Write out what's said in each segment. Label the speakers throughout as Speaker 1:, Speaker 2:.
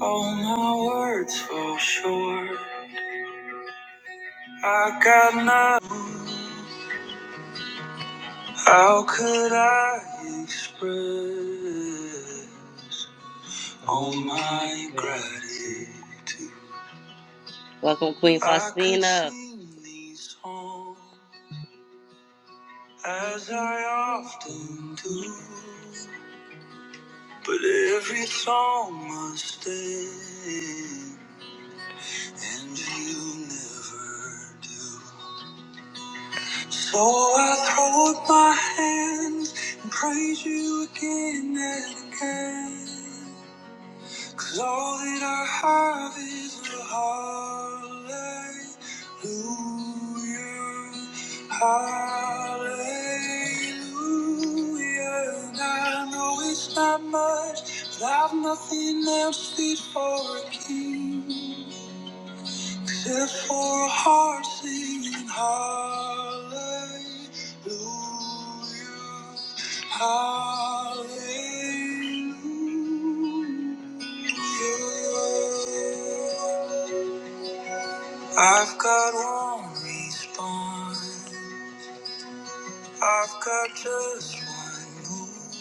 Speaker 1: All my words fall short. I got nothing. How could I express all my gratitude? Welcome, Queen Faustina. I could sing these songs as I often do, but every song must end, and you never do. So I throw up my hands and praise you again and again. Cause all that I have is a hallelujah. Hallelujah. And I know it's not much, but I've nothing else fit for a king. Except for a heart singing hallelujah, hallelujah. I've got one response. I've got just one move.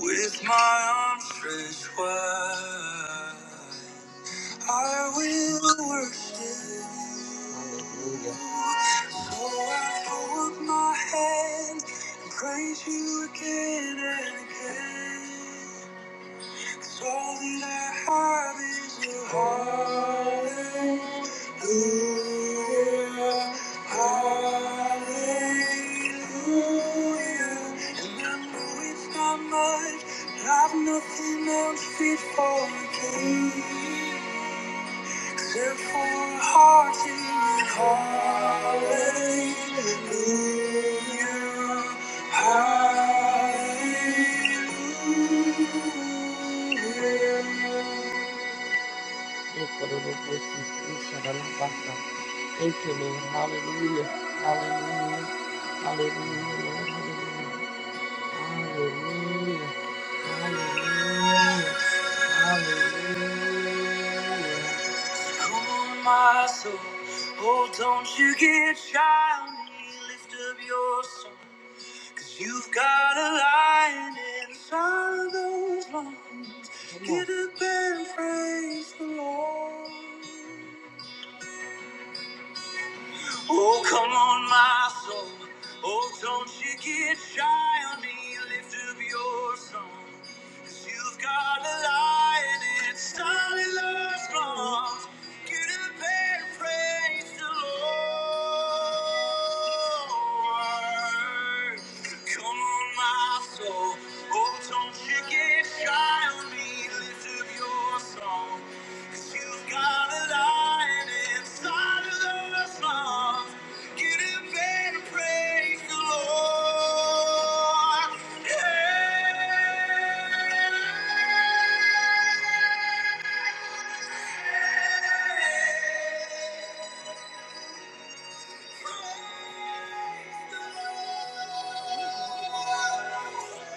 Speaker 1: With my arms stretched wide, I will worship Hallelujah. So I throw up my hands and praise you again and again. 'Cause all that I have is you. Hallelujah. Hallelujah. And I know it's not much, but I've nothing else fit for a king. Therefore, hearty hallelujah, hallelujah. Thank you, Lord. Hallelujah. Hallelujah. Hallelujah, Lord. Hallelujah. Hallelujah. Hallelujah. hallelujah. Come on, my soul. Oh, don't you get shy on me. Lift up your song, you you've got a lion inside of those lungs. Get up and praise the Lord. Oh, come on, my soul. Oh, don't you get shy on me. Lift up your song. Cause you've got a lion inside of love's arms. Get up and praise the Lord. Come on, my soul. Oh, don't you get shy on me. Lift of your song. you you've got a lion inside of those arms. Get up and praise the Lord. Yeah. Praise the Lord.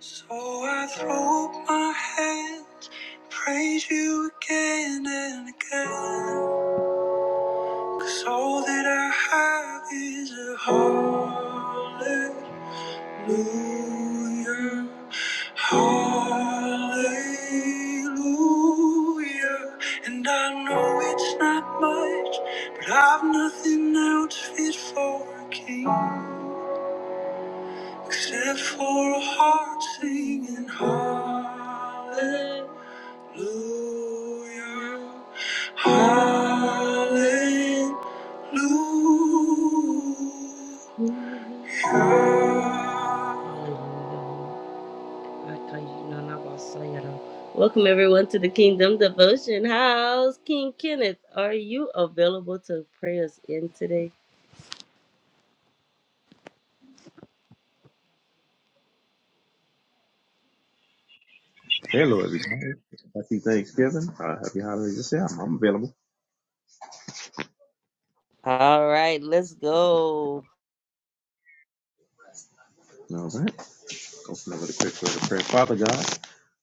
Speaker 1: So I throw up my hands, praise you again and again. Cause all that I have is a hallelujah, hallelujah. And I know it's not much, but I've nothing else fit for a king except for a heart singing hallelujah. Hallelujah, Welcome everyone to the Kingdom Devotion House. King Kenneth, are you available to pray us in today?
Speaker 2: Hello, everybody. Happy Thanksgiving. Uh, happy holidays yourself. I'm available.
Speaker 1: All right, let's go.
Speaker 2: All right. Go for another quick word of prayer. Father God.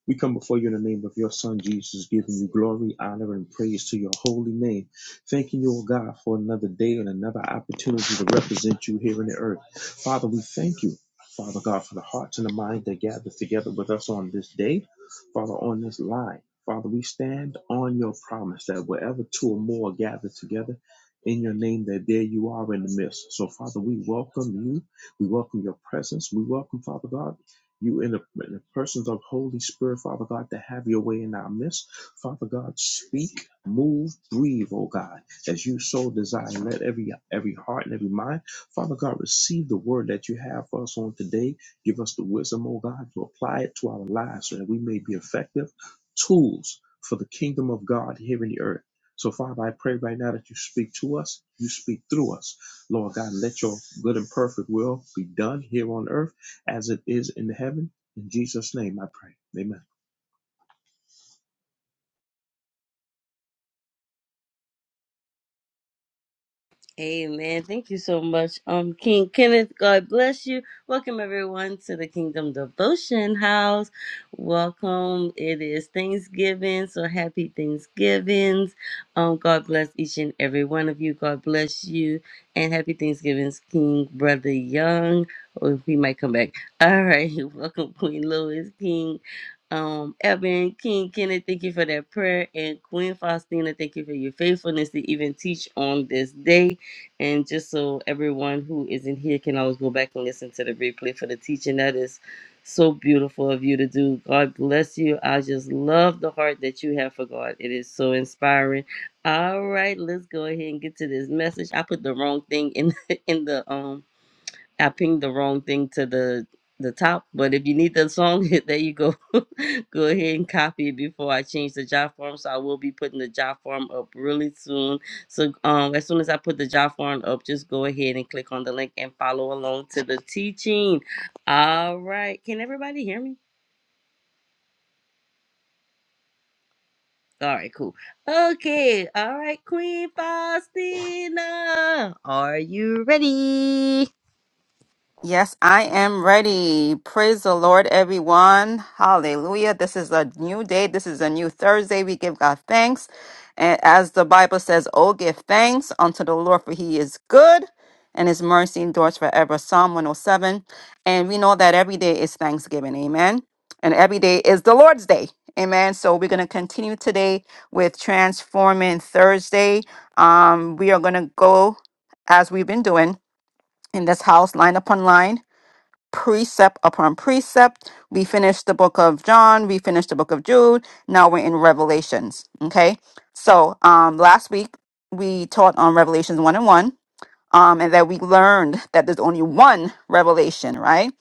Speaker 2: We come before you in the name of your Son Jesus, giving you glory, honor, and praise to your holy name. Thanking you, O God, for another day and another opportunity to represent you here in the earth. Father, we thank you, Father God, for the hearts and the minds that gather together with us on this day, Father, on this line. Father, we stand on your promise that wherever two or more gather together, in your name, that there you are in the midst. So, Father, we welcome you. We welcome your presence. We welcome, Father God. You in the, in the persons of Holy Spirit, Father God, to have your way in our midst. Father God, speak, move, breathe, oh God, as you so desire. Let every every heart and every mind, Father God, receive the word that you have for us on today. Give us the wisdom, oh God, to apply it to our lives so that we may be effective tools for the kingdom of God here in the earth. So, Father, I pray right now that you speak to us, you speak through us. Lord God, let your good and perfect will be done here on earth as it is in heaven. In Jesus' name I pray. Amen.
Speaker 1: Amen. Thank you so much, um, King Kenneth. God bless you. Welcome everyone to the Kingdom Devotion House. Welcome. It is Thanksgiving, so happy Thanksgivings. Um, God bless each and every one of you. God bless you, and happy Thanksgivings, King Brother Young. Or if he might come back. All right. Welcome, Queen Lois, King. Um, Evan, King Kenneth, thank you for that prayer. And Queen Faustina, thank you for your faithfulness to even teach on this day. And just so everyone who isn't here can always go back and listen to the replay for the teaching. That is so beautiful of you to do. God bless you. I just love the heart that you have for God. It is so inspiring. All right, let's go ahead and get to this message. I put the wrong thing in in the um I pinged the wrong thing to the the top, but if you need the song, there you go. go ahead and copy it before I change the job form. So I will be putting the job form up really soon. So um, as soon as I put the job form up, just go ahead and click on the link and follow along to the teaching. All right, can everybody hear me? All right, cool. Okay, all right, Queen Faustina, are you ready?
Speaker 3: Yes, I am ready. Praise the Lord, everyone. Hallelujah. This is a new day. This is a new Thursday. We give God thanks. And as the Bible says, Oh, give thanks unto the Lord, for he is good and his mercy endures forever. Psalm 107. And we know that every day is Thanksgiving. Amen. And every day is the Lord's day. Amen. So we're going to continue today with Transforming Thursday. Um, we are going to go as we've been doing in this house, line upon line precept upon precept. We finished the book of John, we finished the book of Jude. Now we're in Revelations. Okay. So um last week we taught on Revelations 1 and 1 um, and that we learned that there's only one revelation, right?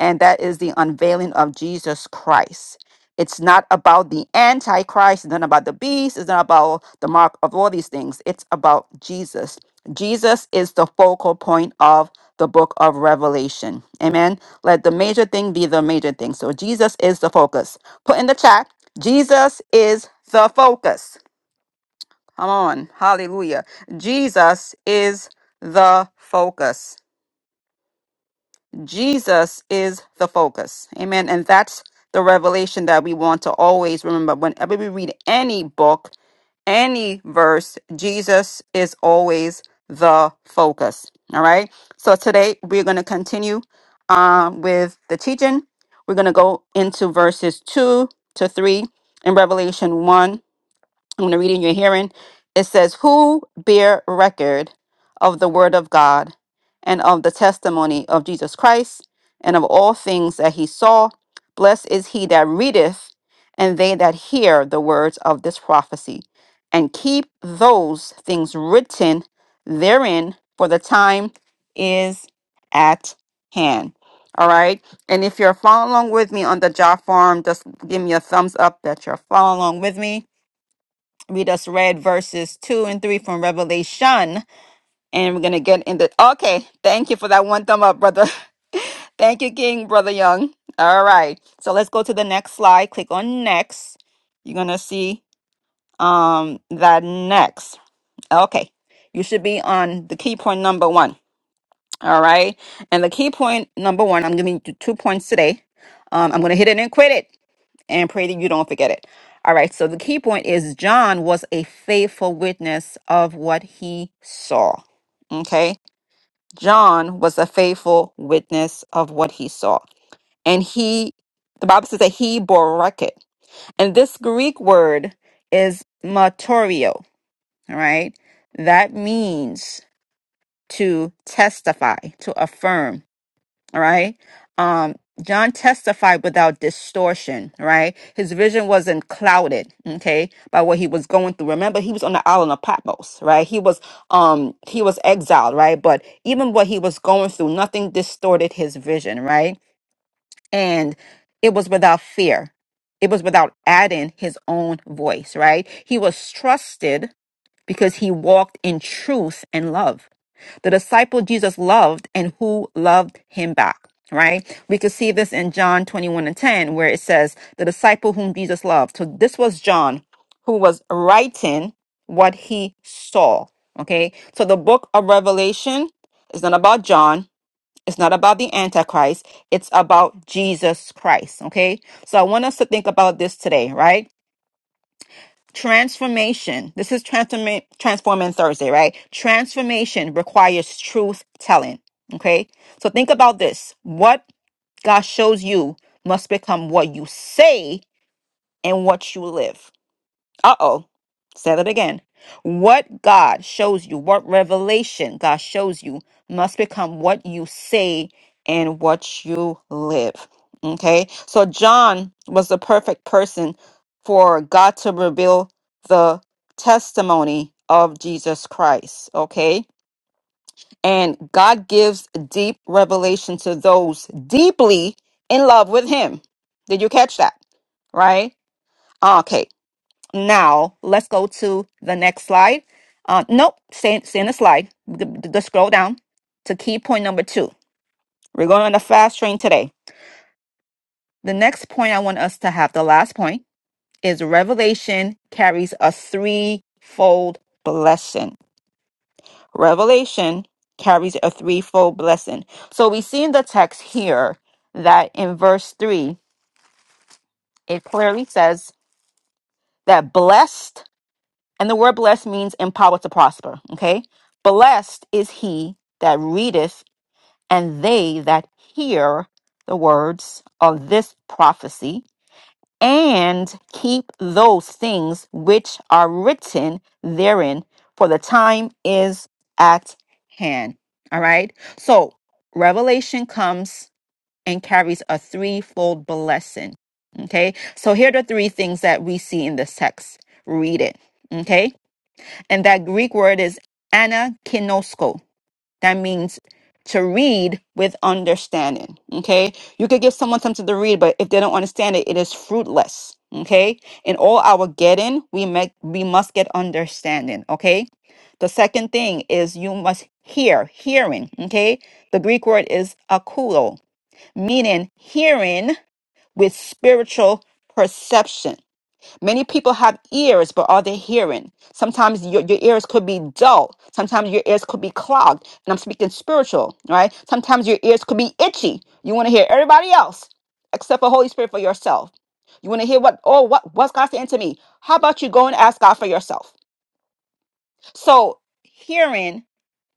Speaker 3: And that is the unveiling of Jesus Christ. It's not about the Antichrist, it's not about the beast, it's not about the mark of all these things. It's about Jesus. Jesus is the focal point of the book of Revelation. Amen. Let the major thing be the major thing. So Jesus is the focus. Put in the chat, Jesus is the focus. Come on. Hallelujah. Jesus is the focus. Jesus is the focus. Amen. And that's the revelation that we want to always remember. Whenever we read any book, any verse, Jesus is always the focus. All right. So today we're going to continue um, with the teaching. We're going to go into verses 2 to 3 in Revelation 1 I'm going to read in your hearing. It says, Who bear record of the word of God and of the testimony of Jesus Christ and of all things that he saw? Blessed is he that readeth and they that hear the words of this prophecy and keep those things written therein, for the time is at hand. All right. And if you're following along with me on the job farm, just give me a thumbs up that you're following along with me. We just read verses two and three from Revelation, and we're gonna get into. Okay, thank you for that one thumb up, brother. Thank you, King, brother Young. All right, so let's go to the next slide. Click on next. You're gonna see um that next. Okay, you should be on the key point number one. All right, and the key point number one, I'm giving you two points today. Um, I'm gonna hit it and quit it and pray that you don't forget it. All right. So the key point is John was a faithful witness of what he saw. Okay. John was a faithful witness of what he saw. And he, the Bible says that he bore record. And this Greek word is martorio. All right. That means to testify, to affirm all right um john testified without distortion Right, his vision wasn't clouded okay by what he was going through remember he was on the island of patmos right he was um he was exiled right but even what he was going through nothing distorted his vision right and it was without fear it was without adding his own voice right he was trusted because he walked in truth and love the disciple Jesus loved and who loved him back, right? We could see this in John 21 and 10, where it says, the disciple whom Jesus loved. So this was John who was writing what he saw, okay? So the book of Revelation is not about John. It's not about the Antichrist. It's about Jesus Christ. Okay. So I want us to think about this today, right? Transformation. This is transform transforming Thursday, right? Transformation requires truth telling. Okay. So think about this. What God shows you must become what you say and what you live. Uh oh. Said it again. What God shows you, what revelation God shows you, must become what you say and what you live. Okay. So John was the perfect person for God to reveal the testimony of Jesus Christ. Okay. And God gives deep revelation to those deeply in love with Him. Did you catch that? Right? Okay, now, let's go to the next slide. Uh, nope, same, same the slide. The, the scroll down to key point number two. We're going on the fast train today. The next point I want us to have, the last point, is revelation carries a threefold blessing. Revelation carries a threefold blessing. So we see in the text here that in verse three, it clearly says that blessed And the word blessed means empowered to prosper. Okay. Blessed is he that readeth and they that hear the words of this prophecy and keep those things which are written therein, for the time is at hand. All right. So revelation comes and carries a threefold blessing. Okay. So here are the three things that we see in this text. Read it. Okay and that Greek word is anakinosko. That means to read with understanding. Okay. You could give someone something to read, but if they don't understand it, it is fruitless. Okay. In all our getting, we make we must get understanding. Okay. The second thing is you must hear, hearing. Okay. The Greek word is akulo, meaning hearing with spiritual perception. Many people have ears, but are they hearing? Sometimes your, your ears could be dull. Sometimes your ears could be clogged. And I'm speaking spiritual, right? Sometimes your ears could be itchy. You want to hear everybody else except for Holy Spirit for yourself. You want to hear what, oh, what, what's God saying to me? How about you go and ask God for yourself? So hearing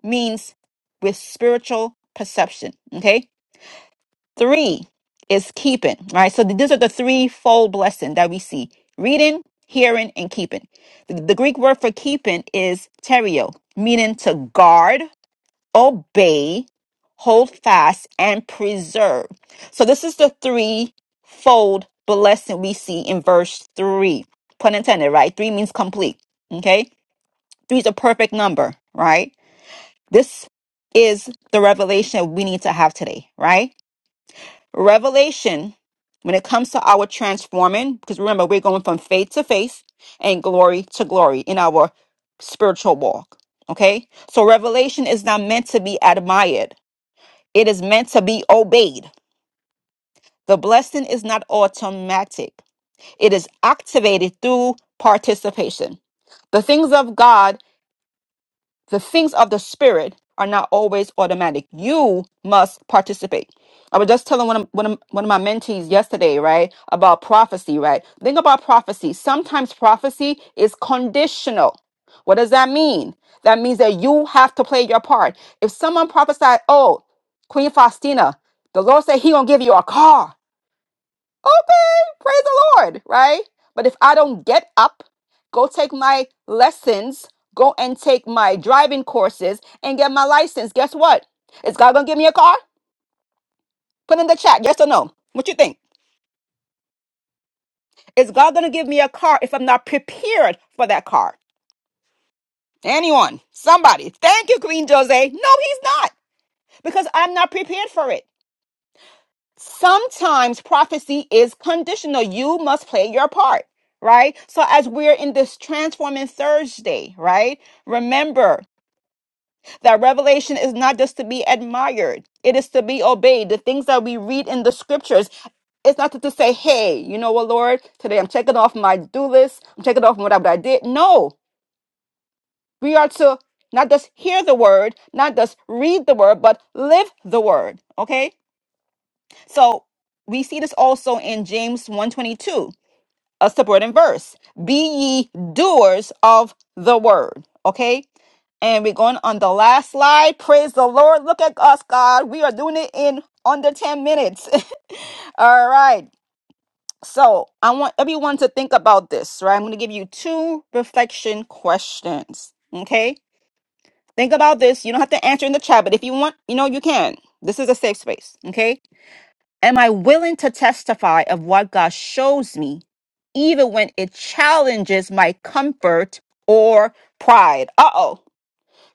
Speaker 3: means with spiritual perception, okay? Three is keeping. All right. So th- these are the threefold blessing that we see reading, hearing, and keeping. The, the Greek word for keeping is terio, meaning to guard, obey, hold fast, and preserve. So this is the threefold blessing we see in verse three. Pun intended, right? Three means complete. Okay. Three is a perfect number, right? This is the revelation we need to have today, right? Revelation, when it comes to our transforming, because remember, we're going from faith to faith and glory to glory in our spiritual walk. Okay? So, revelation is not meant to be admired, it is meant to be obeyed. The blessing is not automatic, it is activated through participation. The things of God the things of the spirit are not always automatic. You must participate. I was just telling one of, one of, one of my mentees yesterday, right, about prophecy, right? Think about prophecy. Sometimes prophecy is conditional. What does that mean? That means that you have to play your part. If someone prophesied, oh, Queen Faustina, the Lord said he gonna give you a car okay, praise the Lord, right? But if I don't get up, go take my lessons, go and take my driving courses and get my license, guess what? Is God gonna give me a car? Put in the chat, yes or no. What you think? Is God gonna give me a car if I'm not prepared for that car? Anyone, somebody, thank you, Queen Jose. No, he's not, because I'm not prepared for it. sometimes prophecy is conditional. You must play your part, right? So, as we're in this transforming Thursday, right? Remember that revelation is not just to be admired, it is to be obeyed. The things that we read in the scriptures. It's not to to say, hey, you know what, Lord, today I'm checking off my do list. I'm checking off what I what I did. No, we are to not just hear the word, not just read the word, but live the word. Okay? So we see this also in James 122, a subordinate verse. Be ye doers of the word. Okay. And we're going on the last slide. Praise the Lord. Look at us, God. We are doing it in under 10 minutes. All right. So I want everyone to think about this, right? I'm going to give you two reflection questions. Okay. Think about this. You don't have to answer in the chat, but if you want, you know, you can. This is a safe space. Okay. Am I willing to testify of what God shows me, even when it challenges my comfort or pride? Uh oh.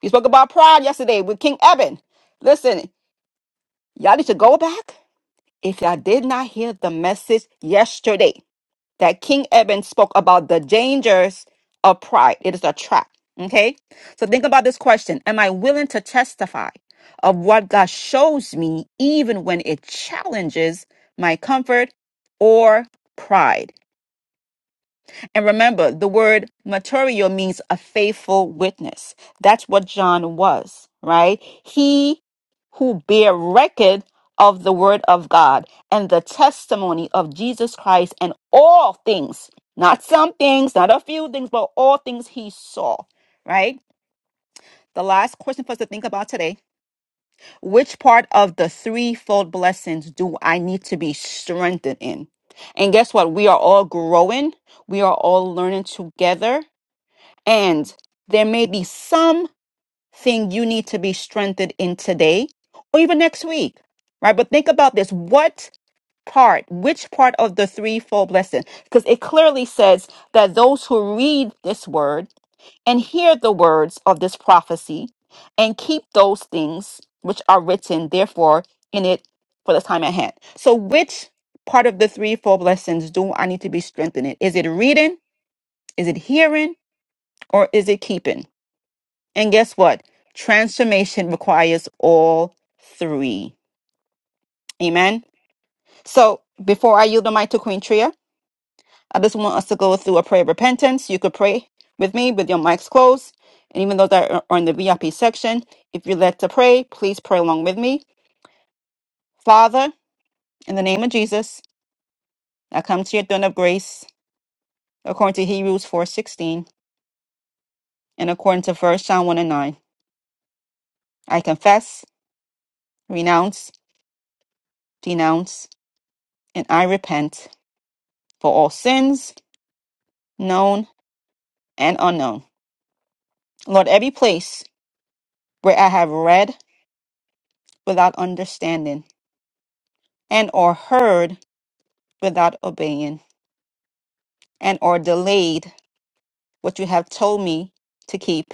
Speaker 3: We spoke about pride yesterday with King Eben. Listen, y'all need to go back if y'all did not hear the message yesterday that King Eben spoke about the dangers of pride. It is a trap. Okay. So think about this question Am I willing to testify of what God shows me, even when it challenges my comfort or pride? And remember, the word martyrio means a faithful witness. That's what John was, right? He who bear record of the word of God and the testimony of Jesus Christ and all things, not some things, not a few things, but all things he saw, right? The last question for us to think about today which part of the threefold blessings do I need to be strengthened in? And guess what? We are all growing. We are all learning together and there may be something you need to be strengthened in today or even next week, right? But think about this. What part, which part of the threefold blessing? Because it clearly says that those who read this word and hear the words of this prophecy and keep those things which are written, therefore, in it for the time at hand. So, which part of the threefold blessings do I need to be strengthened in? Is it reading? Is it hearing? Or is it keeping? And guess what? Transformation requires all three. Amen. So before I yield the mic to Queen Tria, I just want us to go through a prayer of repentance. You could pray with me with your mics closed. And even those that are in the VIP section, if you're led to pray, please pray along with me. Father, in the name of Jesus, I come to your throne of grace according to Hebrews 4.16 and according to First John 1 and 9. I confess, renounce, denounce, and I repent for all sins known and unknown. Lord, every place where I have read without understanding and or heard without obeying and or delayed what you have told me to keep,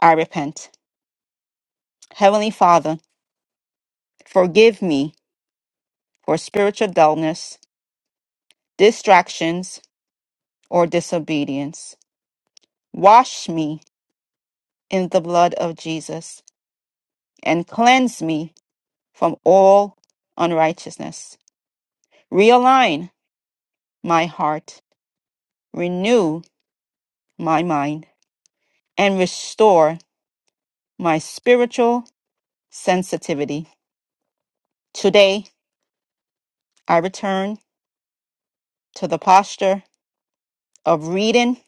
Speaker 3: I repent. Heavenly Father, forgive me for spiritual dullness, distractions, or disobedience. Wash me in the blood of Jesus and cleanse me from all unrighteousness. Realign my heart, renew my mind and restore my spiritual sensitivity. Today, I return to the posture of reading,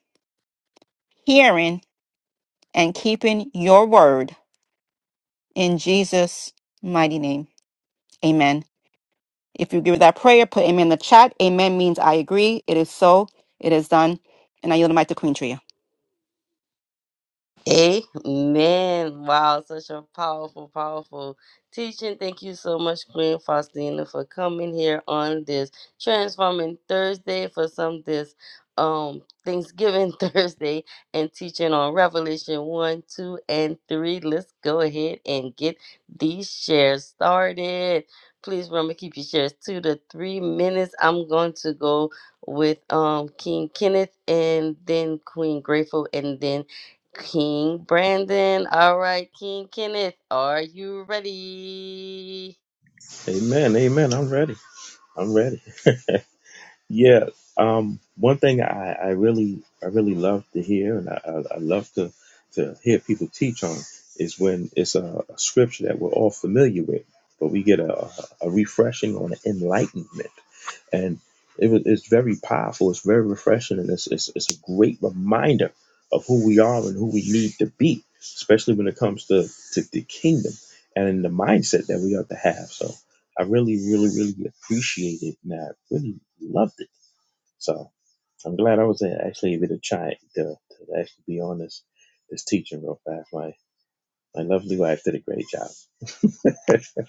Speaker 3: hearing, and keeping your word in Jesus' mighty name. Amen. If you give that prayer, put amen in the chat. Amen means I agree. It is so. It is done. And I yield the mic to Queen Tria.
Speaker 1: Amen. Wow, such a powerful, powerful teaching. Thank you so much, Queen Faustina, for coming here on this Transforming Thursday for some this um Thanksgiving Thursday and teaching on Revelation 1, 2, and 3. Let's go ahead and get these shares started. Please remember keep your shares two to three minutes. I'm going to go with um King Kenneth and then Queen Grateful and then King Brandon. All right, King Kenneth, are you ready?
Speaker 2: Amen. Amen. I'm ready. I'm ready. Yeah. Um, one thing I, I really I really love to hear and I, I I love to to hear people teach on is when it's a, a scripture that we're all familiar with, but we get a, a refreshing on enlightenment. And it was it's very powerful, it's very refreshing, and it's, it's it's a great reminder of who we are and who we need to be, especially when it comes to, to the kingdom and the mindset that we ought to have. So I really, really, really appreciate it and I really loved it. So I'm glad I was actually able to try to, to actually be on this this teaching real fast. My my lovely wife did a great job.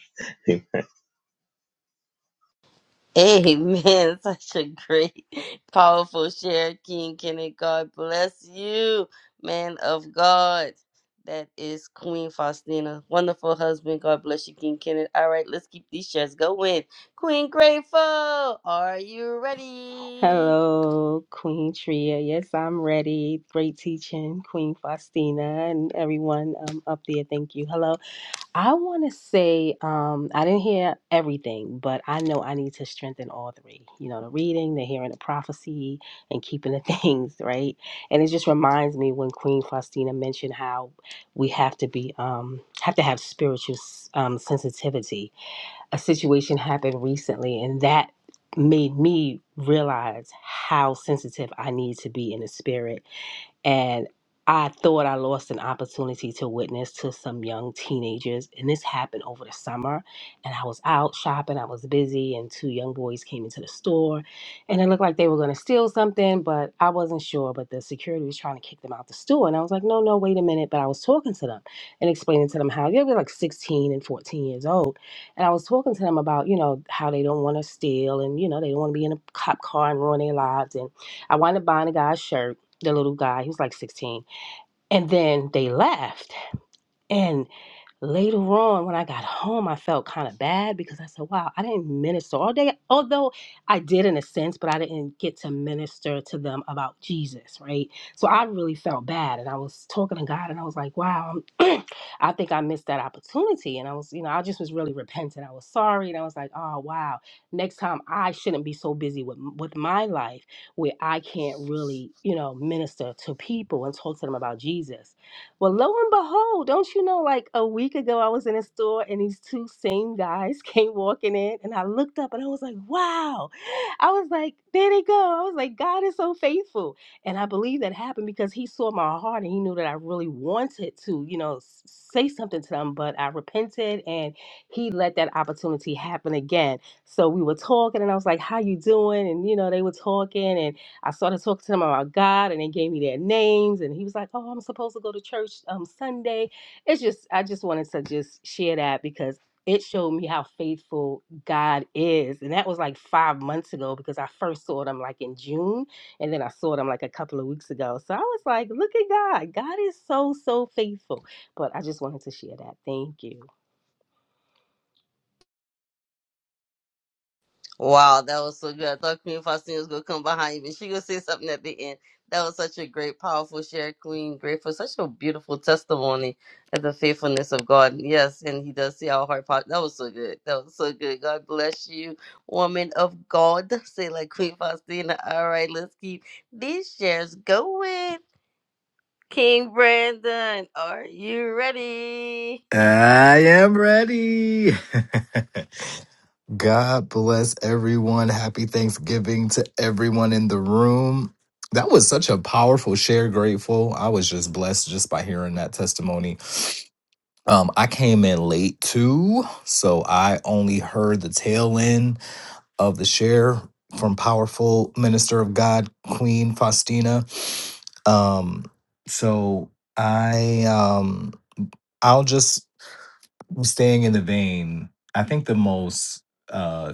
Speaker 1: Amen. Such a great, powerful share, King Kenneth. God bless you, man of God. That is Queen Faustina. Wonderful husband. God bless you, King Kenneth. All right, let's keep these shares going. Queen Grateful, are you ready?
Speaker 4: Hello, Queen Tria. Yes, I'm ready. Great teaching, Queen Faustina, and everyone um, up there. Thank you. Hello. I want to say um, I didn't hear everything, but I know I need to strengthen all three. You know, the reading, the hearing, the prophecy, and keeping the things right. And it just reminds me when Queen Faustina mentioned how we have to be um, have to have spiritual um, sensitivity a situation happened recently and that made me realize how sensitive I need to be in the spirit and I thought I lost an opportunity to witness to some young teenagers, and this happened over the summer. And I was out shopping, I was busy, and two young boys came into the store, and it looked like they were going to steal something, but I wasn't sure. But the security was trying to kick them out the store, and I was like, "No, no, wait a minute!" But I was talking to them and explaining to them how they were like 16 and 14 years old, and I was talking to them about you know how they don't want to steal, and you know they don't want to be in a cop car and ruin their lives, and I wound up buying a guy's shirt the little guy, he was like 16. And then they left. And Later on, when I got home, I felt kind of bad because I said, wow, I didn't minister all day. Although I did in a sense, but I didn't get to minister to them about Jesus, right? So I really felt bad. And I was talking to God and I was like, wow, I'm- I think I missed that opportunity. And I was, you know, I just was really repentant. I was sorry. And I was like, oh, wow, next time I shouldn't be so busy with, with my life where I can't really, you know, minister to people and talk to them about Jesus. Well, lo and behold, don't you know, like a week ago, I was in a store and these two same guys came walking in, and I looked up and I was like, wow. I was like, there they go. I was like, God is so faithful. And I believe that happened because He saw my heart and He knew that I really wanted to, you know, s- say something to them, but I repented and He let that opportunity happen again. So we were talking, and I was like, how you doing? And, you know, they were talking, and I started talking to them about God, and they gave me their names. And he was like, "Oh, I'm supposed to go to church um Sunday." It's just I just wanted to just share that because it showed me how faithful God is, and that was like five months ago because I first saw them like in June, and then I saw them like a couple of weeks ago. So I was like, "Look at God! God is so so faithful." But I just wanted to share that. Thank you.
Speaker 1: Wow, that was so good. I thought Queen Faustina was gonna come behind you, but she gonna say something at the end. That was such a great, powerful share, Queen. Grateful, such a beautiful testimony of the faithfulness of God. Yes, and He does see our heart. po- That was so good. That was so good. God bless you, woman of God. Say like Queen Faustina. All right, let's keep these shares going. King Brandon, are you ready?
Speaker 5: I am ready. God bless everyone. Happy Thanksgiving to everyone in the room. That was such a powerful share, grateful. I was just blessed just by hearing that testimony. Um, I came in late too, so I only heard the tail end of the share from powerful minister of God, Queen Faustina. Um, so I um I'll just staying in the vein, I think the most uh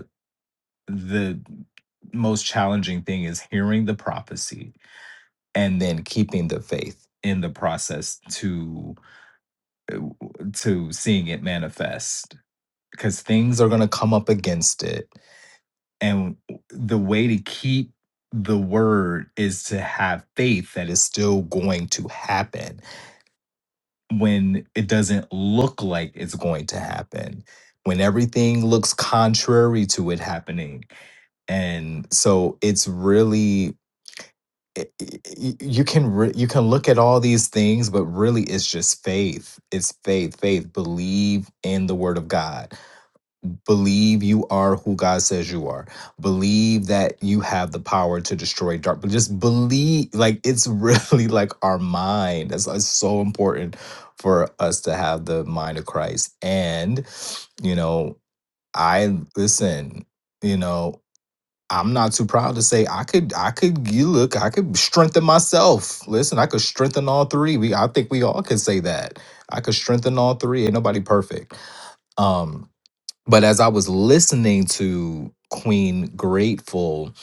Speaker 5: the most challenging thing is hearing the prophecy and then keeping the faith in the process to to seeing it manifest because things are going to come up against it and the way to keep the word is to have faith that is still going to happen when it doesn't look like it's going to happen, when everything looks contrary to it happening. And so it's really i- i- i- you can re- you can look at all these things but really it's just faith it's faith faith believe in the word of god Believe you are who God says you are. Believe that you have the power to destroy dark. But just believe, like it's really like our mind. That's it's so important for us to have the mind of Christ. And you know, I listen. You know, I'm not too proud to say I could. I could. You look. I could strengthen myself. Listen, I could strengthen all three. We. I think we all can say that. I could strengthen all three. Ain't nobody perfect. Um but as I was listening to Queen Grateful,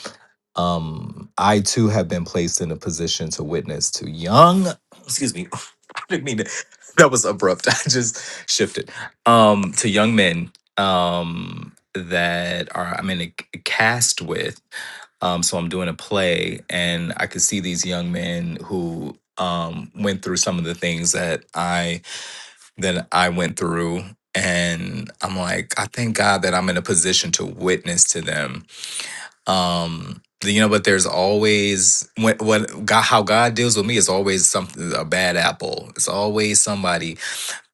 Speaker 5: um, I too have been placed in a position to witness to young. Excuse me, I didn't mean to, that was abrupt. I just shifted um, to young men um, that are I'm in a c- cast with. Um, so I'm doing a play, and I could see these young men who um, went through some of the things that I that I went through. And I'm like, I thank God that I'm in a position to witness to them. Um, you know, but there's always what what God how God deals with me is always something a bad apple. It's always somebody.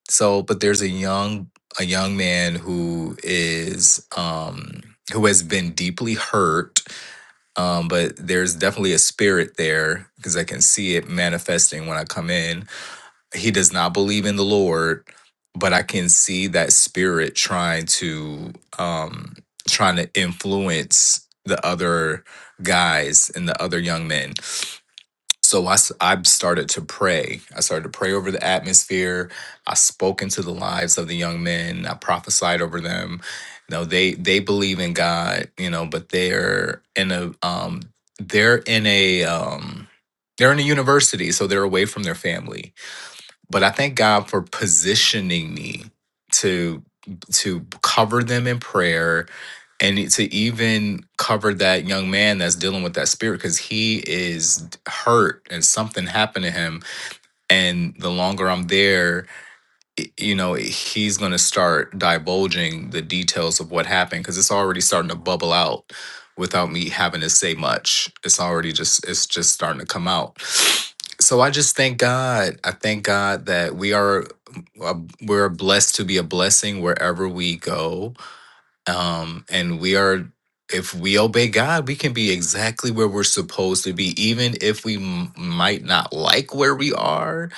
Speaker 5: So, but there's a young a young man who is um who has been deeply hurt. Um, but there's definitely a spirit there because I can see it manifesting when I come in he does not believe in the Lord, but I can see that spirit trying to um trying to influence the other guys and the other young men. So I, s- I started to pray. I started to pray over the atmosphere. I spoke into the lives of the young men. I prophesied over them. You know, they they believe in God, you know, but they're in a um they're in a um they're in a university, so they're away from their family but I thank God for positioning me to to cover them in prayer and to even cover that young man that's dealing with that spirit because he is hurt and something happened to him and the longer i'm there i- you know he's going to start divulging the details of what happened because it's already starting to bubble out without me having to say much it's already just it's just starting to come out so i just thank god i thank god that we are uh, we're blessed to be a blessing wherever we go um and we are if we obey god we can be exactly where we're supposed to be even if we m- might not like where we are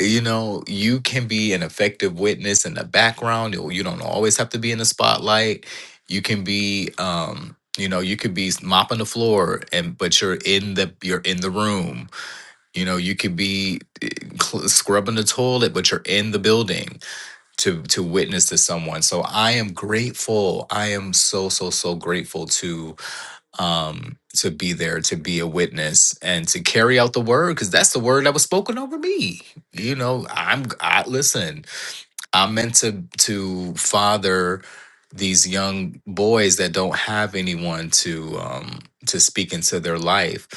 Speaker 5: you know you can be an effective witness in the background you you don't always have to be in the spotlight you can be um you know you could be mopping the floor and but you're in the you're in the room you know you could be eh, cl- scrubbing the toilet but you're in the building to to witness to someone so i am grateful i am so so so grateful to um, to be there, to be a witness, and to carry out the word, because that's the word that was spoken over me. You know, I'm I listen. I'm meant to to father these young boys that don't have anyone to um to speak into their life.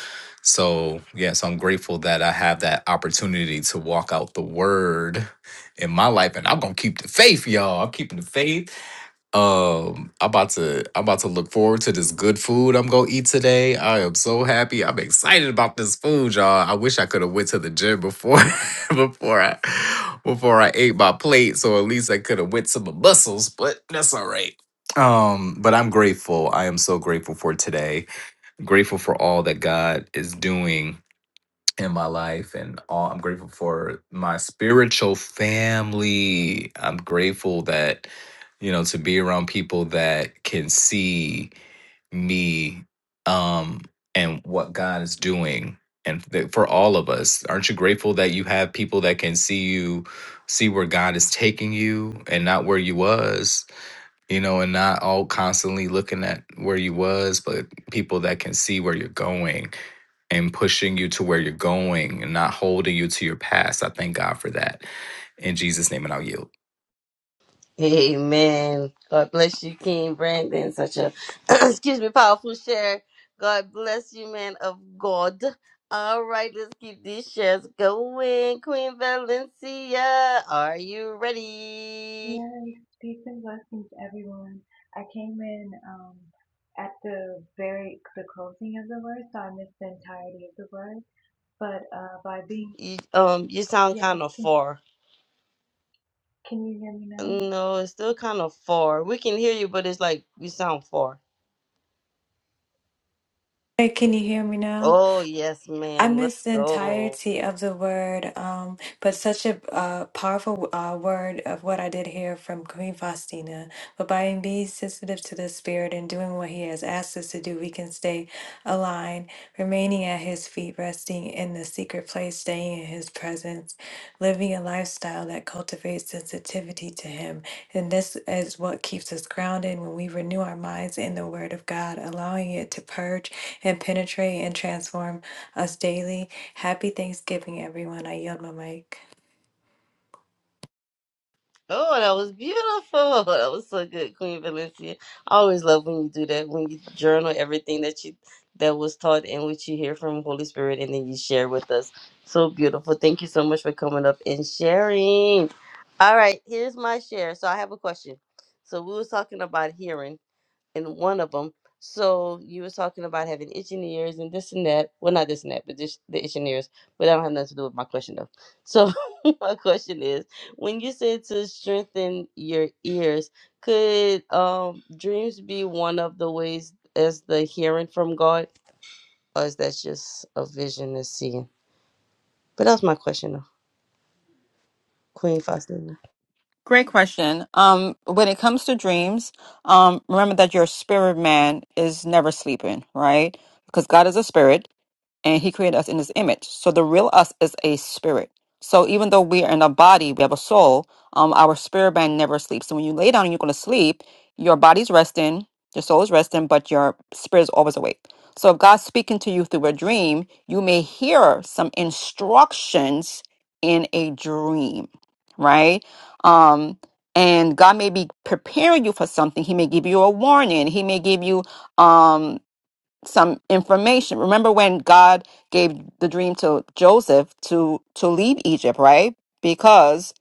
Speaker 5: So yes, I'm grateful that I have that opportunity to walk out the word in my life, and I'm gonna keep the faith, y'all. I'm keeping the faith um, I'm about to I'm about to look forward to this good food I'm gonna eat today. I am so happy. I'm excited about this food, y'all. I wish I could have went to the gym before before I before I ate my plate, so at least I could have went to my muscles, but that's all right. Um, but I'm grateful. I am so grateful for today. Grateful for all that God is doing in my life and all I'm grateful for my spiritual family. I'm grateful that you know to be around people that can see me um and what God is doing and th- for all of us aren't you grateful that you have people that can see you see where God is taking you and not where you was you know and not all constantly looking at where you was but people that can see where you're going and pushing you to where you're going and not holding you to your past. I thank God for that. In Jesus' name, and I'll yield.
Speaker 1: Amen. God bless you, King Brandon. Such a excuse me, powerful share. God bless you, man of God. All right, let's keep these shares going. Queen Valencia, are you ready?
Speaker 6: Yes, peace and blessings, everyone. I came in um, at the very the closing of the word, so I missed the entirety of the word. But uh, by being
Speaker 1: You, um, you sound
Speaker 6: yes,
Speaker 1: kind of
Speaker 6: can
Speaker 1: far.
Speaker 6: can you hear me now?
Speaker 1: No, it's still kind of far. We can hear you, but it's like you sound far.
Speaker 6: Hey, can you hear me now?
Speaker 1: Oh yes,
Speaker 6: I
Speaker 1: ma'am. Let's
Speaker 6: missed the
Speaker 1: go.
Speaker 6: entirety of the word, um, but such a uh, powerful uh, word of what I did hear from Queen Faustina. But by being sensitive to the Spirit and doing what He has asked us to do, we can stay aligned, remaining at His feet, resting in the secret place, staying in His presence, living a lifestyle that cultivates sensitivity to Him. And this is what keeps us grounded when we renew our minds in the Word of God, allowing it to purge and penetrate and transform us daily. Happy Thanksgiving, everyone. I yield my mic.
Speaker 1: Oh, that was beautiful. That was so good, Queen Valencia. I always love when you do that, when you journal everything that you that was taught and what you hear from Holy Spirit and then you share with us. So beautiful. Thank you so much for coming up and sharing. All right, here's my share. So I have a question. So we was talking about hearing in one of them. So you were talking about having itching ears and this and that. Well, not this and that, but just the itching ears. But I don't have nothing to do with my question though. So my question is, when you said to strengthen your ears, could um dreams be one of the ways as the hearing from God, or is that just a vision and seeing? But that was my question though, Queen Faustina.
Speaker 3: Great question. Um, when it comes to dreams, um, remember that your spirit man is never sleeping, right? Because God is a spirit and he created us in his image. So the real us is a spirit. So even though we are in a body, we have a soul, um, our spirit man never sleeps. So when you lay down and you're gonna sleep, your body's resting, your soul is resting, but your spirit is always awake. So if God's speaking to you through a dream, you may hear some instructions in a dream, right? Um, and God may be preparing you for something. He may give you a warning. He may give you um some information. Remember when God gave the dream to Joseph to to leave Egypt, right? Because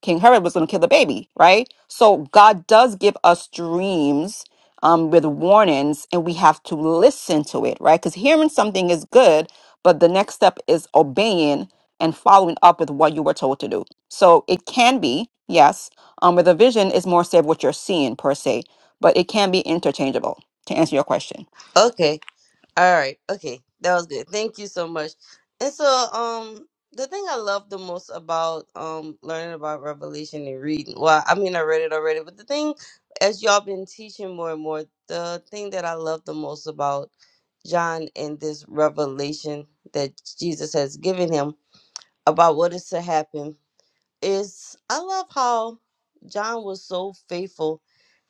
Speaker 3: King Herod was going to kill the baby, right? So God does give us dreams um, with warnings, and we have to listen to it, right? Because hearing something is good, but the next step is obeying and following up with what you were told to do. So it can be yes, um, with a vision is more say of what you're seeing per se, but it can be interchangeable. To answer your question.
Speaker 1: Okay, All right. Okay. That was good. Thank you so much. And so, um, the thing I love the most about um learning about Revelation and reading, well, I mean, I read it already, but the thing, as y'all been teaching more and more, the thing that I love the most about John and this revelation that Jesus has given him about what is to happen is I love how John was so faithful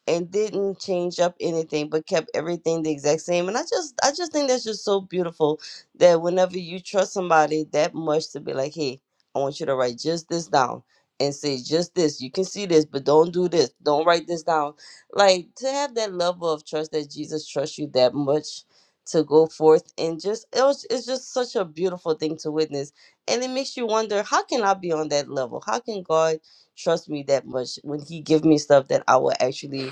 Speaker 1: and didn't change up anything but kept everything the exact same and i just i just think that's just so beautiful that whenever you trust somebody that much to be like hey i want you to write just this down and say just this you can see this but don't do this don't write this down like to have that level of trust that jesus trusts you that much to go forth and just it was it's just such a beautiful thing to witness and it makes you wonder how can i be on that level how can god trust me that much when he give me stuff that i will actually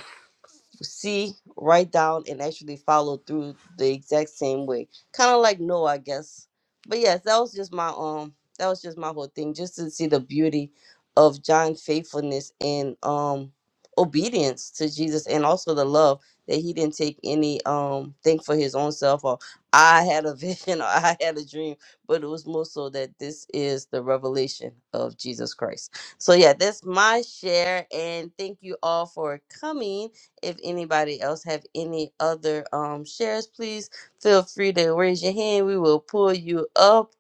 Speaker 1: see, write down, and actually follow through the exact same way. Kind of like Noah, I guess. But yes, that was just my um, that was just my whole thing, just to see the beauty of John's faithfulness and um obedience to Jesus, and also the love that he didn't take any um thing for his own self or I had a vision or I had a dream, but it was more so that this is the revelation of Jesus Christ. So yeah, that's my share, and thank you all for coming. If anybody else have any other um shares, please feel free to raise your hand. We will pull you up.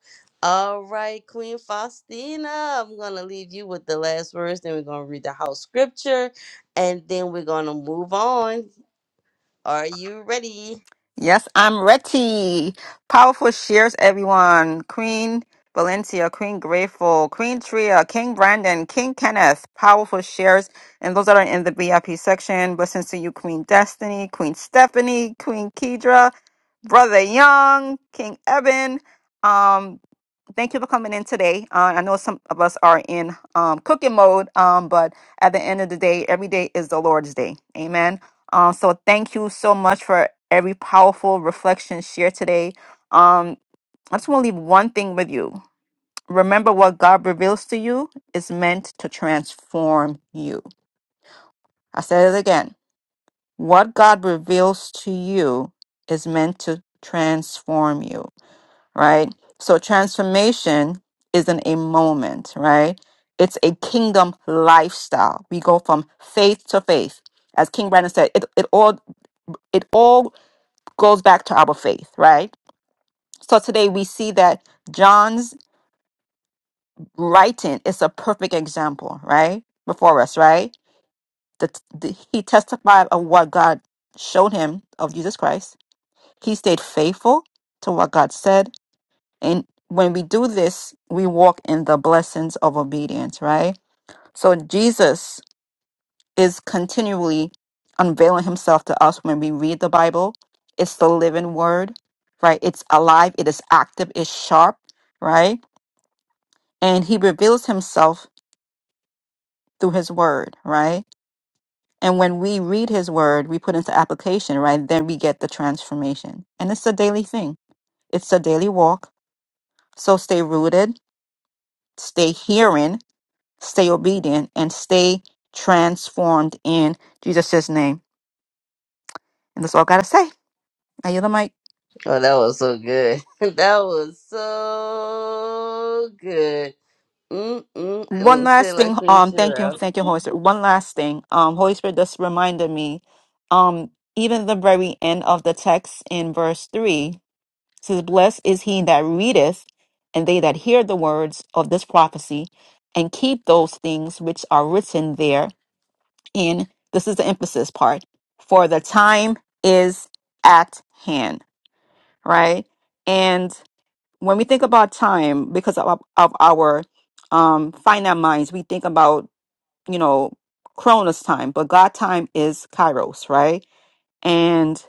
Speaker 1: All right, Queen Faustina, I'm gonna leave you with the last words. Then we're gonna read the house scripture, and then we're gonna move on. Are you ready?
Speaker 3: Yes, I'm ready. Powerful shares, everyone. Queen Valencia, Queen Grateful, Queen Tria, King Brandon, King Kenneth. Powerful shares. And those that are in the VIP section, blessings to you, Queen Destiny, Queen Stephanie, Queen Kedra, Brother Young, King Eben thank you for coming in today. Uh, I know some of us are in um, cooking mode, um, but at the end of the day, every day is the Lord's day. Amen. Um, so thank you so much for every powerful reflection shared today. Um, I just want to leave one thing with you. Remember what God reveals to you is meant to transform you. I said it again. What God reveals to you is meant to transform you right? So transformation isn't a moment, right? It's a kingdom lifestyle. We go from faith to faith. As King Brandon said, it, it all it all goes back to our faith, right? So today we see that John's writing is a perfect example, right? Before us, right? The, the, he testified of what God showed him of Jesus Christ. He stayed faithful to what God said And when we do this, we walk in the blessings of obedience, right? So Jesus is continually unveiling himself to us when we read the Bible. It's the living word, right? It's alive, it is active, it's sharp, right? And he reveals himself through his word, right? And when we read his word, we put into application, right? Then we get the transformation. And it's a daily thing. It's a daily walk. So stay rooted, stay hearing, stay obedient, and stay transformed in Jesus' name. And that's all I gotta say. Now you're the mic.
Speaker 1: Oh, that was so good. that was so good.
Speaker 3: One
Speaker 1: Mm-mm-mm. Say it
Speaker 3: last thing.
Speaker 1: like Queen
Speaker 3: Um, thank you,
Speaker 1: Cheryl.
Speaker 3: thank you, Holy Spirit. One last thing. Um, Holy Spirit just reminded me. Um, even the very end of the text in verse three says, "Blessed is he that readeth, and they that hear the words of this prophecy, and keep those things which are written there." In this is the emphasis part. For the time is at hand. right? And when we think about time, because of, of our um, finite minds, we think about, you know, Cronus time, but God time is Kairos, right? And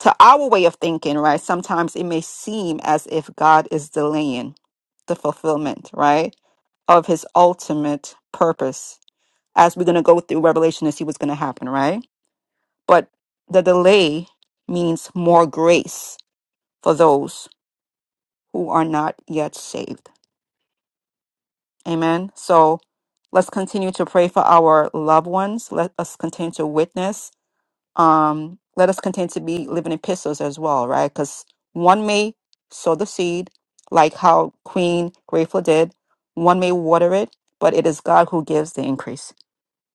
Speaker 3: to our way of thinking, right, sometimes it may seem as if God is delaying the fulfillment, right, of his ultimate purpose. As we're going to go through Revelation and see what's going to happen, right? But the delay means more grace for those who are not yet saved Amen. So let's continue to pray for our loved ones. Let us continue to witness. Um, let us continue to be living epistles as well, right? Because one may sow the seed, like how Queen Grateful did, one may water it, but it is God who gives the increase.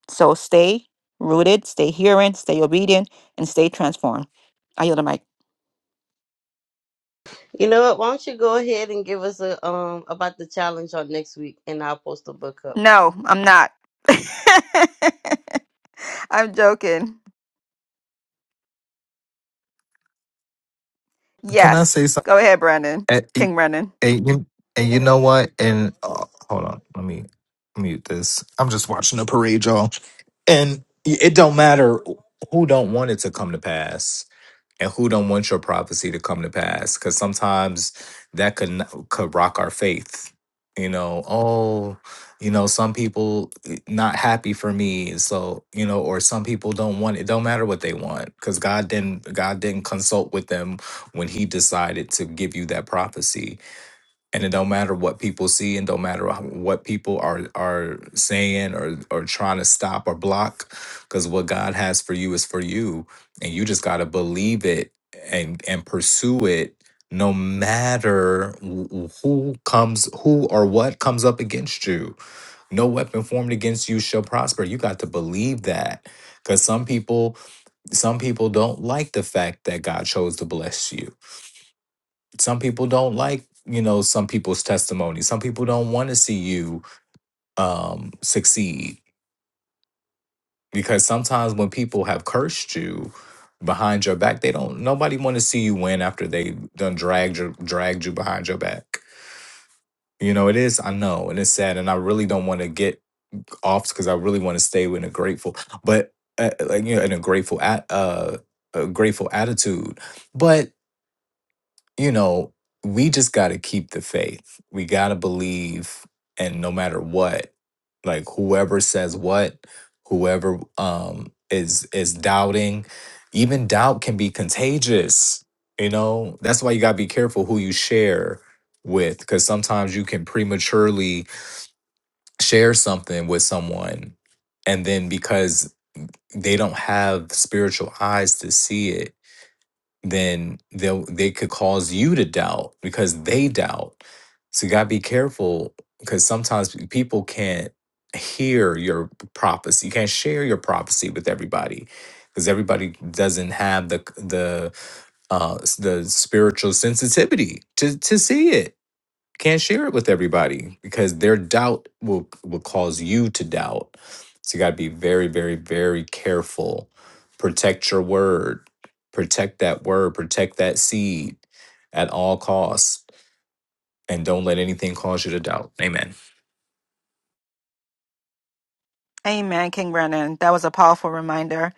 Speaker 3: So stay rooted, stay hearing, stay obedient, and stay transformed. I yield the mic.
Speaker 1: You know what? Why don't you go ahead and give us a um about the challenge on next week, and I'll post the book up.
Speaker 3: No, I'm not. I'm joking.
Speaker 5: Can I
Speaker 3: Yes.
Speaker 5: say something?
Speaker 3: Go ahead, Brandon.
Speaker 5: And,
Speaker 3: King Brandon.
Speaker 5: and you, and you know what? And oh, hold on, let me mute this. I'm just watching a parade, y'all, and it don't matter who don't want it to come to pass. and who don't want your prophecy to come to pass because sometimes that could n- could rock our faith you know oh you know some people eh, not happy for me so you know or some people don't want it don't matter what they want because god didn't god didn't consult with them when he decided to give you that prophecy and it don't matter what people see and don't matter how- what people are are saying or or trying to stop or block because what god has for you is for you and you just got to believe it and and pursue it no matter wh- who comes who or what comes up against you no weapon formed against you shall prosper you got to believe that because some people some people don't like the fact that god chose to bless you some people don't like you know some people's testimony some people don't want to see you um succeed because sometimes when people have cursed you behind your back they don't nobody want to see you win after they done dragged you dragged you behind your back you know it is i know and it's sad and i really don't want to get off because i really want to stay in a grateful but uh, like you know in a grateful at uh a grateful attitude but. you know, we just got to keep the faith. We got to believe, and no matter what, like whoever says what, whoever um is is doubting, even doubt can be contagious. You know, that's why you got to be careful who you share with because sometimes you can prematurely share something with someone and then because they don't have spiritual eyes to see it then they'll they could cause you to doubt because they doubt. So you gotta be careful because sometimes p- people can't hear your prophecy. You can't share your prophecy with everybody because everybody doesn't have the c- the uh s- the spiritual sensitivity to to see it can't share it with everybody because their doubt will will cause you to doubt. So you got to be very, very, very careful. Protect your word. Protect that word. Protect that seed at all costs. And don't let anything cause you to doubt. Amen.
Speaker 3: Amen, King Brennan. That was a powerful reminder.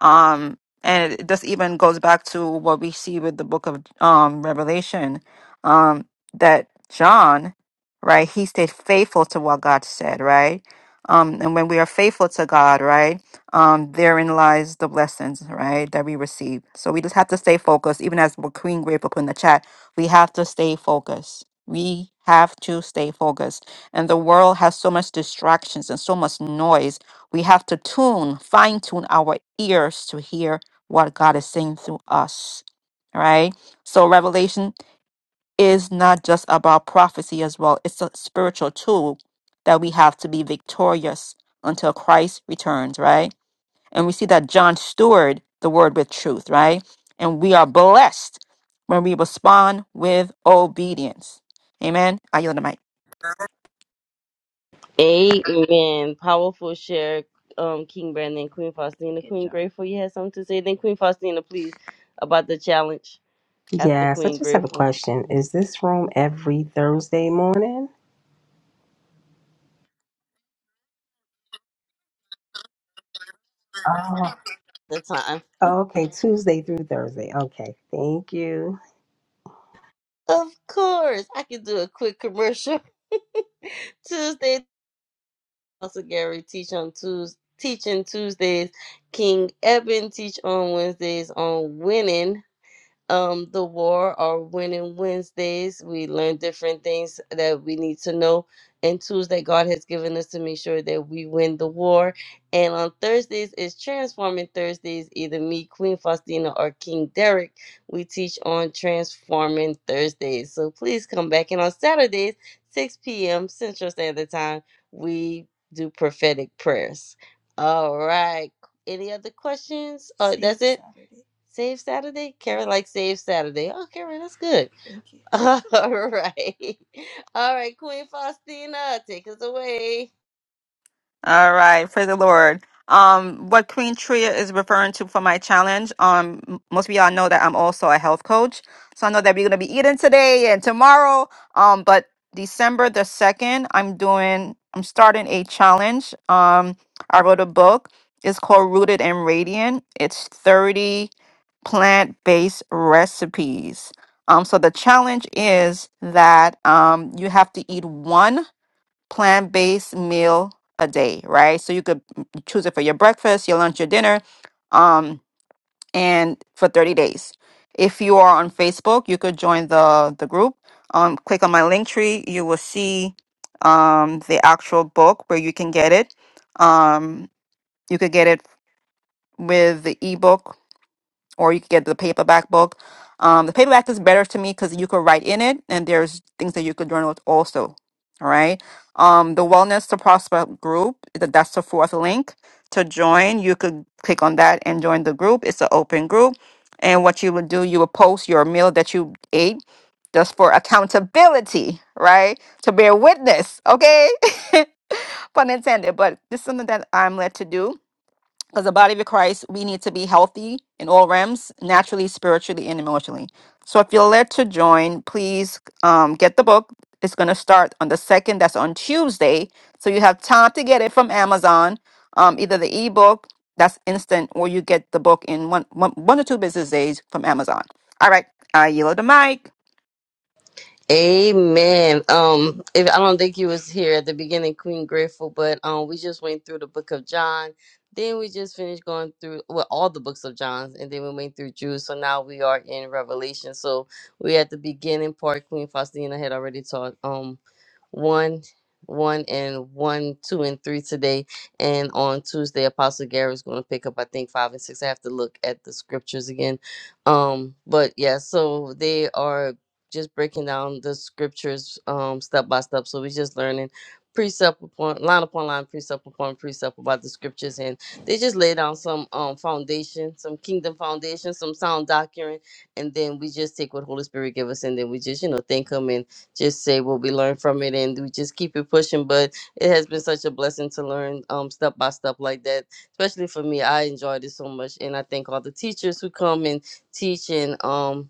Speaker 3: Um, and it, this even goes back to what we see with the book of um, Revelation um, that John, right, he stayed faithful to what God said, right? Um, and when we are faithful to God, right, um, therein lies the blessings, right, that we receive. So we just have to stay focused. Even as what Queen Grateful put in the chat, we have to stay focused. We have to stay focused and the world has so much distractions and so much noise we have to tune fine tune our ears to hear what god is saying through us all right so revelation is not just about prophecy as well it's a spiritual tool that we have to be victorious until christ returns right and we see that john steward the word with truth right and we are blessed when we respond with obedience amen i yield the mic
Speaker 1: Amen. Powerful share, um, King Brandon, Queen Faustina, Good Queen job. Grateful. You had something to say, then Queen Faustina, please, about the challenge after
Speaker 4: Yes, I
Speaker 1: Queen
Speaker 4: just have a
Speaker 1: Grateful.
Speaker 4: question. Is this room every Thursday morning? Oh,
Speaker 1: The time,
Speaker 4: Oh, okay, Tuesday through Thursday. Okay, thank you.
Speaker 1: of course, I can do a quick commercial. Tuesday, also Gary teach on Tuesday, teaching Tuesdays. King Eben teach on Wednesdays on winning. um the war or winning Wednesdays. We learn different things that we need to know. And tools that God has given us to make sure that we win the war. And on Thursdays is Transforming Thursdays, either me, Queen Faustina, or King Derek. We teach on Transforming Thursdays. So please come back. And on Saturdays, 6 p.m. Central Standard Time, we do prophetic prayers. All right. Any other questions? Uh, that's it. Save Saturday? Karen likes Save Saturday. Oh, Karen, that's good. Thank you. All right. All right, Queen Faustina, take us away.
Speaker 3: All right, praise the Lord. Um, what Queen Tria is referring to for my challenge, um, m- most of y'all know that I'm also a health coach. So I know that we're gonna be eating today and tomorrow. Um, but December the second, I'm doing, I'm starting a challenge. Um, I wrote a book. It's called Rooted and Radiant. It's 30 plant-based recipes. Um, so the challenge is that um you have to eat one plant-based meal a day, right? So you could choose it for your breakfast, your lunch, your dinner, um, and for 30 days. If you are on Facebook, you could join the the group. Um, click on my link tree. You will see um, the actual book where you can get it. Um, you could get it with the ebook or you could get the paperback book. Um, the paperback is better to me because you could write in it, and there's things that you could journal also. All right. Um, the Wellness to Prosper group, th- that's the fourth link to join. You could click on that and join the group. It's an open group. And what you would do, you would post your meal that you ate just for accountability, right? To bear witness, okay? Pun intended, but this is something that I'm led to do as a body of Christ, we need to be healthy in all realms, naturally, spiritually, and emotionally. So if you're led to join, please um, get the book. It's going to start on the second. That's on Tuesday. So you have time to get it from Amazon, um, either the ebook, that's instant, or you get the book in one, one, one or two business days from Amazon. All right. I yield the mic.
Speaker 1: Amen. Um, if I don't think you was here at the beginning, Queen Grateful, but um, we just went through the book of John. Then we just finished going through well all the books of John, and then we went through Jude. So now we are in Revelation. So we at the beginning part. Queen Faustina had already taught um one, one and one, two and three today, and on Tuesday Apostle Gary is going to pick up I think five and six. I have to look at the scriptures again. Um, but yeah, so they are just breaking down the scriptures um step by step. So we just learning precept upon line upon line, precept upon precept about the scriptures, and they just lay down some um foundation, some kingdom foundation, some sound doctrine, and then we just take what Holy Spirit give us, and then we just you know thank Him and just say what we learned from it, and we just keep it pushing. But it has been such a blessing to learn um step by step like that, especially for me. I enjoyed it so much, and I thank all the teachers who come and teach and um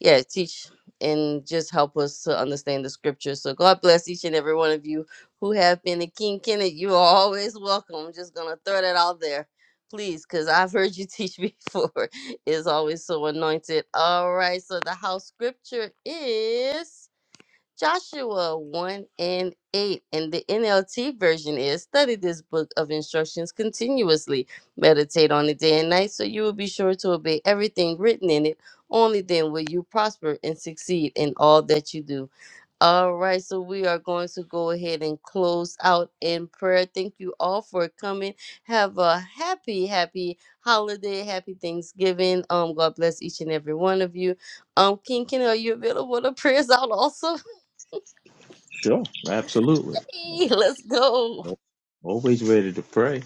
Speaker 1: yeah, teach and just help us to understand the scripture. So God bless each and every one of you who have been a King Kenneth. You are always welcome. I'm just gonna throw that out there, please, because I've heard you teach before. It's always so anointed. All right, so the house scripture is Joshua 1 and 8 in the NLT version is study this book of instructions continuously. Meditate on it day and night so you will be sure to obey everything written in it. Only then will you prosper and succeed in all that you do. All right, so we are going to go ahead and close out in prayer. Thank you all for coming. Have a happy, happy holiday, happy Thanksgiving. Um, God bless each and every one of you. Um, King Kenny, are you available to pray us out also?
Speaker 2: Sure, absolutely.
Speaker 1: Hey, let's go. All
Speaker 2: Always ready to pray.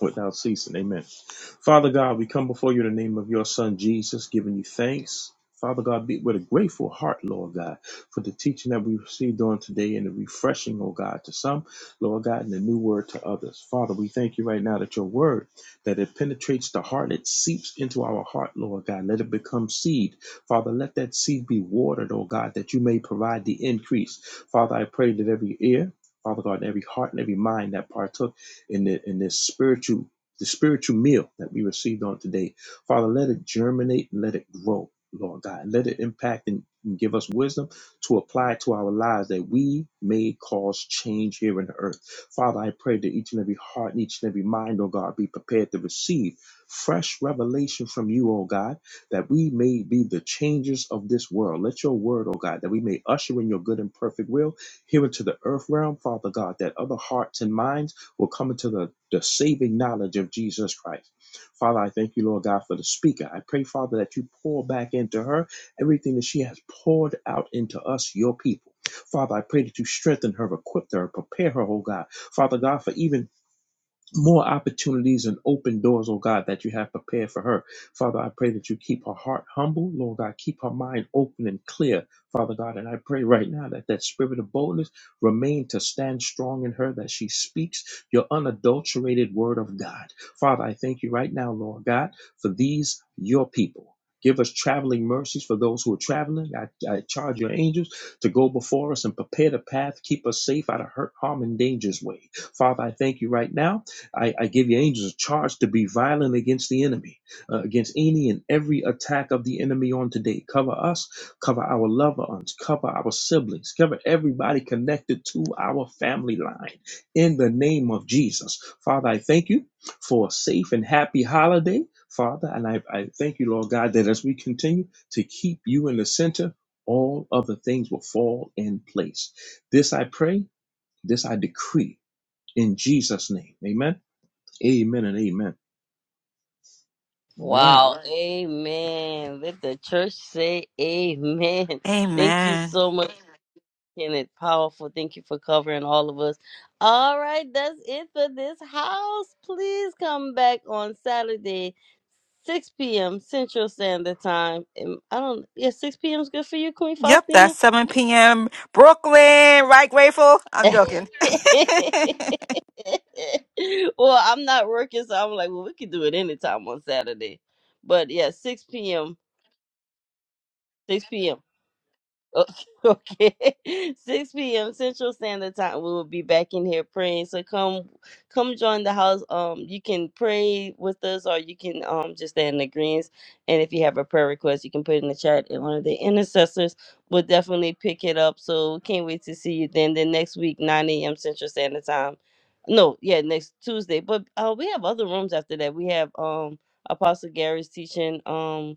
Speaker 2: without ceasing. Amen. Father God, we come before you in the name of your Son Jesus, giving you thanks. Father God, be with a grateful heart, Lord God, for the teaching that we received on today and the refreshing, oh God, to some, Lord God, and the new word to others. Father, we thank you right now that your word, that it penetrates the heart, it seeps into our heart, Lord God. Let it become seed. Father, let that seed be watered, oh God, that you may provide the increase. Father, I pray that every ear, Father God, in every heart and every mind that partook in the in this spiritual the spiritual meal that we received on today. Father, let it germinate and let it grow, Lord God. Let it impact and and give us wisdom to apply to our lives that we may cause change here in the earth. Father, I pray that each and every heart and each and every mind, oh God, be prepared to receive fresh revelation from you, oh God, that we may be the changers of this world. Let your word, oh God, that we may usher in your good and perfect will here into the earth realm, Father God, that other hearts and minds will come into the, the saving knowledge of Jesus Christ. Father, I thank you, Lord God, for the speaker. I pray, Father, that you pour back into her everything that she has poured out into us, your people. Father, I pray that you strengthen her, equip her, prepare her, oh God. Father God, for even more opportunities and open doors, oh God, that you have prepared for her. Father, I pray that you keep her heart humble, Lord God, keep her mind open and clear, Father God. And I pray right now that that spirit of boldness remain to stand strong in her, that she speaks your unadulterated word of God. Father, I thank you right now, Lord God, for these, your people. Give us traveling mercies for those who are traveling. I, I charge your angels to go before us and prepare the path. Keep us safe out of hurt, harm, and danger's way. Father, I thank you right now I, I give you angels a charge to be violent against the enemy, uh, against any and every attack of the enemy on today. Cover us, cover our loved ones, cover our siblings, cover everybody connected to our family line in the name of Jesus. Father, I thank you for a safe and happy holiday, Father, and I, I thank you, Lord God, that as we continue to keep you in the center, all other things will fall in place. This I pray, this I decree in Jesus' name. Amen. Amen and amen. All right.
Speaker 1: Wow. right. Amen. Let the church say amen. Thank you
Speaker 3: Amen.
Speaker 1: so much, Kenneth. Powerful. Thank you for covering all of us. All right. That's it for this house. Please come back on Saturday, 6 p.m. Central Standard Time. And I don't, yeah, 6 p.m. is good for you, Queen
Speaker 3: Yep,
Speaker 1: Faustina?
Speaker 3: that's 7 p.m. Brooklyn, right? Grateful. I'm
Speaker 1: well,
Speaker 3: joking.
Speaker 1: I'm not working, so I'm like, well, we could do it anytime on Saturday. But yeah, 6 p.m. 6 p.m. Okay. 6 p.m. Central Standard Time. We will be back in here praying. So come come join the house. Um you can pray with us or you can um just stay in agreement. And if you have a prayer request, you can put it in the chat and one of the intercessors will definitely pick it up. So can't wait to see you then. Then next week, 9 a.m. Central Standard Time. No, yeah, next Tuesday. But uh we have other rooms after that. We have um Apostle Gary's teaching. Um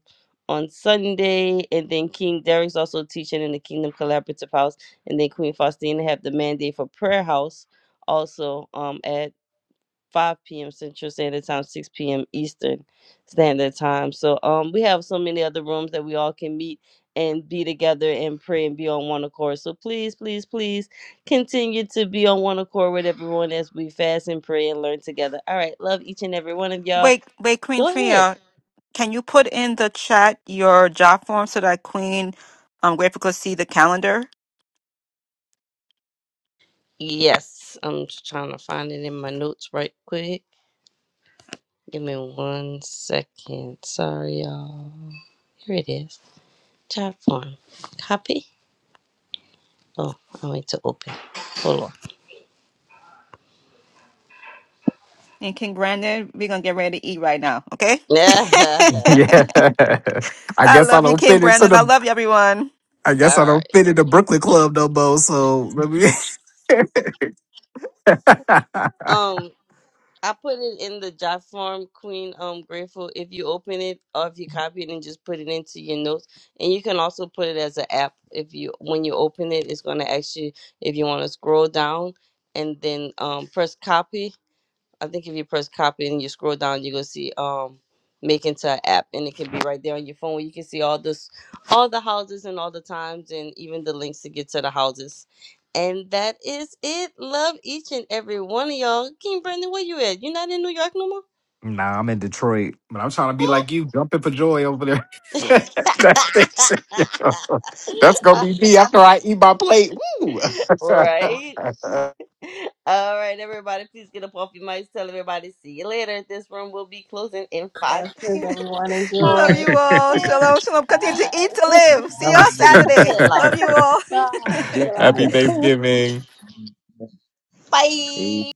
Speaker 1: on Sunday, and then King Derek's also teaching in the Kingdom Collaborative House, and then Queen Faustina have the mandate for prayer house also um at 5 p.m. Central Standard Time, 6 p.m. Eastern Standard Time. So um we have so many other rooms that we all can meet and be together and pray and be on one accord. So please, please, please continue to be on one accord with everyone as we fast and pray and learn together. All right, love each and every one of y'all.
Speaker 3: wait, wait, Queen
Speaker 1: Go ahead.
Speaker 3: Tria. Can you put in the chat your job form so that Queen um, Grateful could see the calendar?
Speaker 1: Yes, I'm just trying to find it in my notes right quick. Give me one second. Sorry, y'all. Here it is. Chat form. Copy. Oh, I need to open. Hold on.
Speaker 3: And King Brandon, we're gonna get ready to eat right now, okay?
Speaker 5: Yeah. I
Speaker 3: I
Speaker 5: guess I
Speaker 3: love you,
Speaker 5: don't
Speaker 3: King
Speaker 5: fit into
Speaker 3: Brandon. I
Speaker 5: the
Speaker 3: love you, everyone.
Speaker 5: I guess
Speaker 1: All
Speaker 5: I don't
Speaker 1: right.
Speaker 5: fit in the Brooklyn Club no more. So let me
Speaker 1: Um, I put it in the jot form, Queen. Um, grateful if you open it or if you copy it and just put it into your notes, and you can also put it as an app. If you when you open it, it's gonna ask you if you want to scroll down and then um press copy I think if you press copy and you scroll down, you're gonna see um make into an app and it can be right there on your phone. where You can see all this all the houses and all the times and even the links to get to the houses. And that is it. Love each and every one of y'all. King Brandon, where you at? You not in New York no more?
Speaker 5: Nah, I'm in Detroit, but I'm trying to be
Speaker 1: Oh
Speaker 5: like you, jumping for joy over there. That thing's- That's gonna be me after I eat my plate. Woo!
Speaker 1: right. All right, everybody. Please get up off your mics. Tell everybody. See you later. This room will be closing in five
Speaker 4: Blessings,
Speaker 1: seconds.
Speaker 4: everyone.
Speaker 3: Love
Speaker 1: Say
Speaker 4: Enjoy.
Speaker 3: you all. Shalom, shalom. Continue to eat to live. See y'all
Speaker 2: Hallelujah.
Speaker 3: Saturday.
Speaker 1: it
Speaker 3: Love
Speaker 1: louder.
Speaker 3: you all.
Speaker 2: Bless you
Speaker 4: Bye.
Speaker 5: Happy
Speaker 2: all.
Speaker 5: Thanksgiving.
Speaker 2: Amen.
Speaker 1: Bye.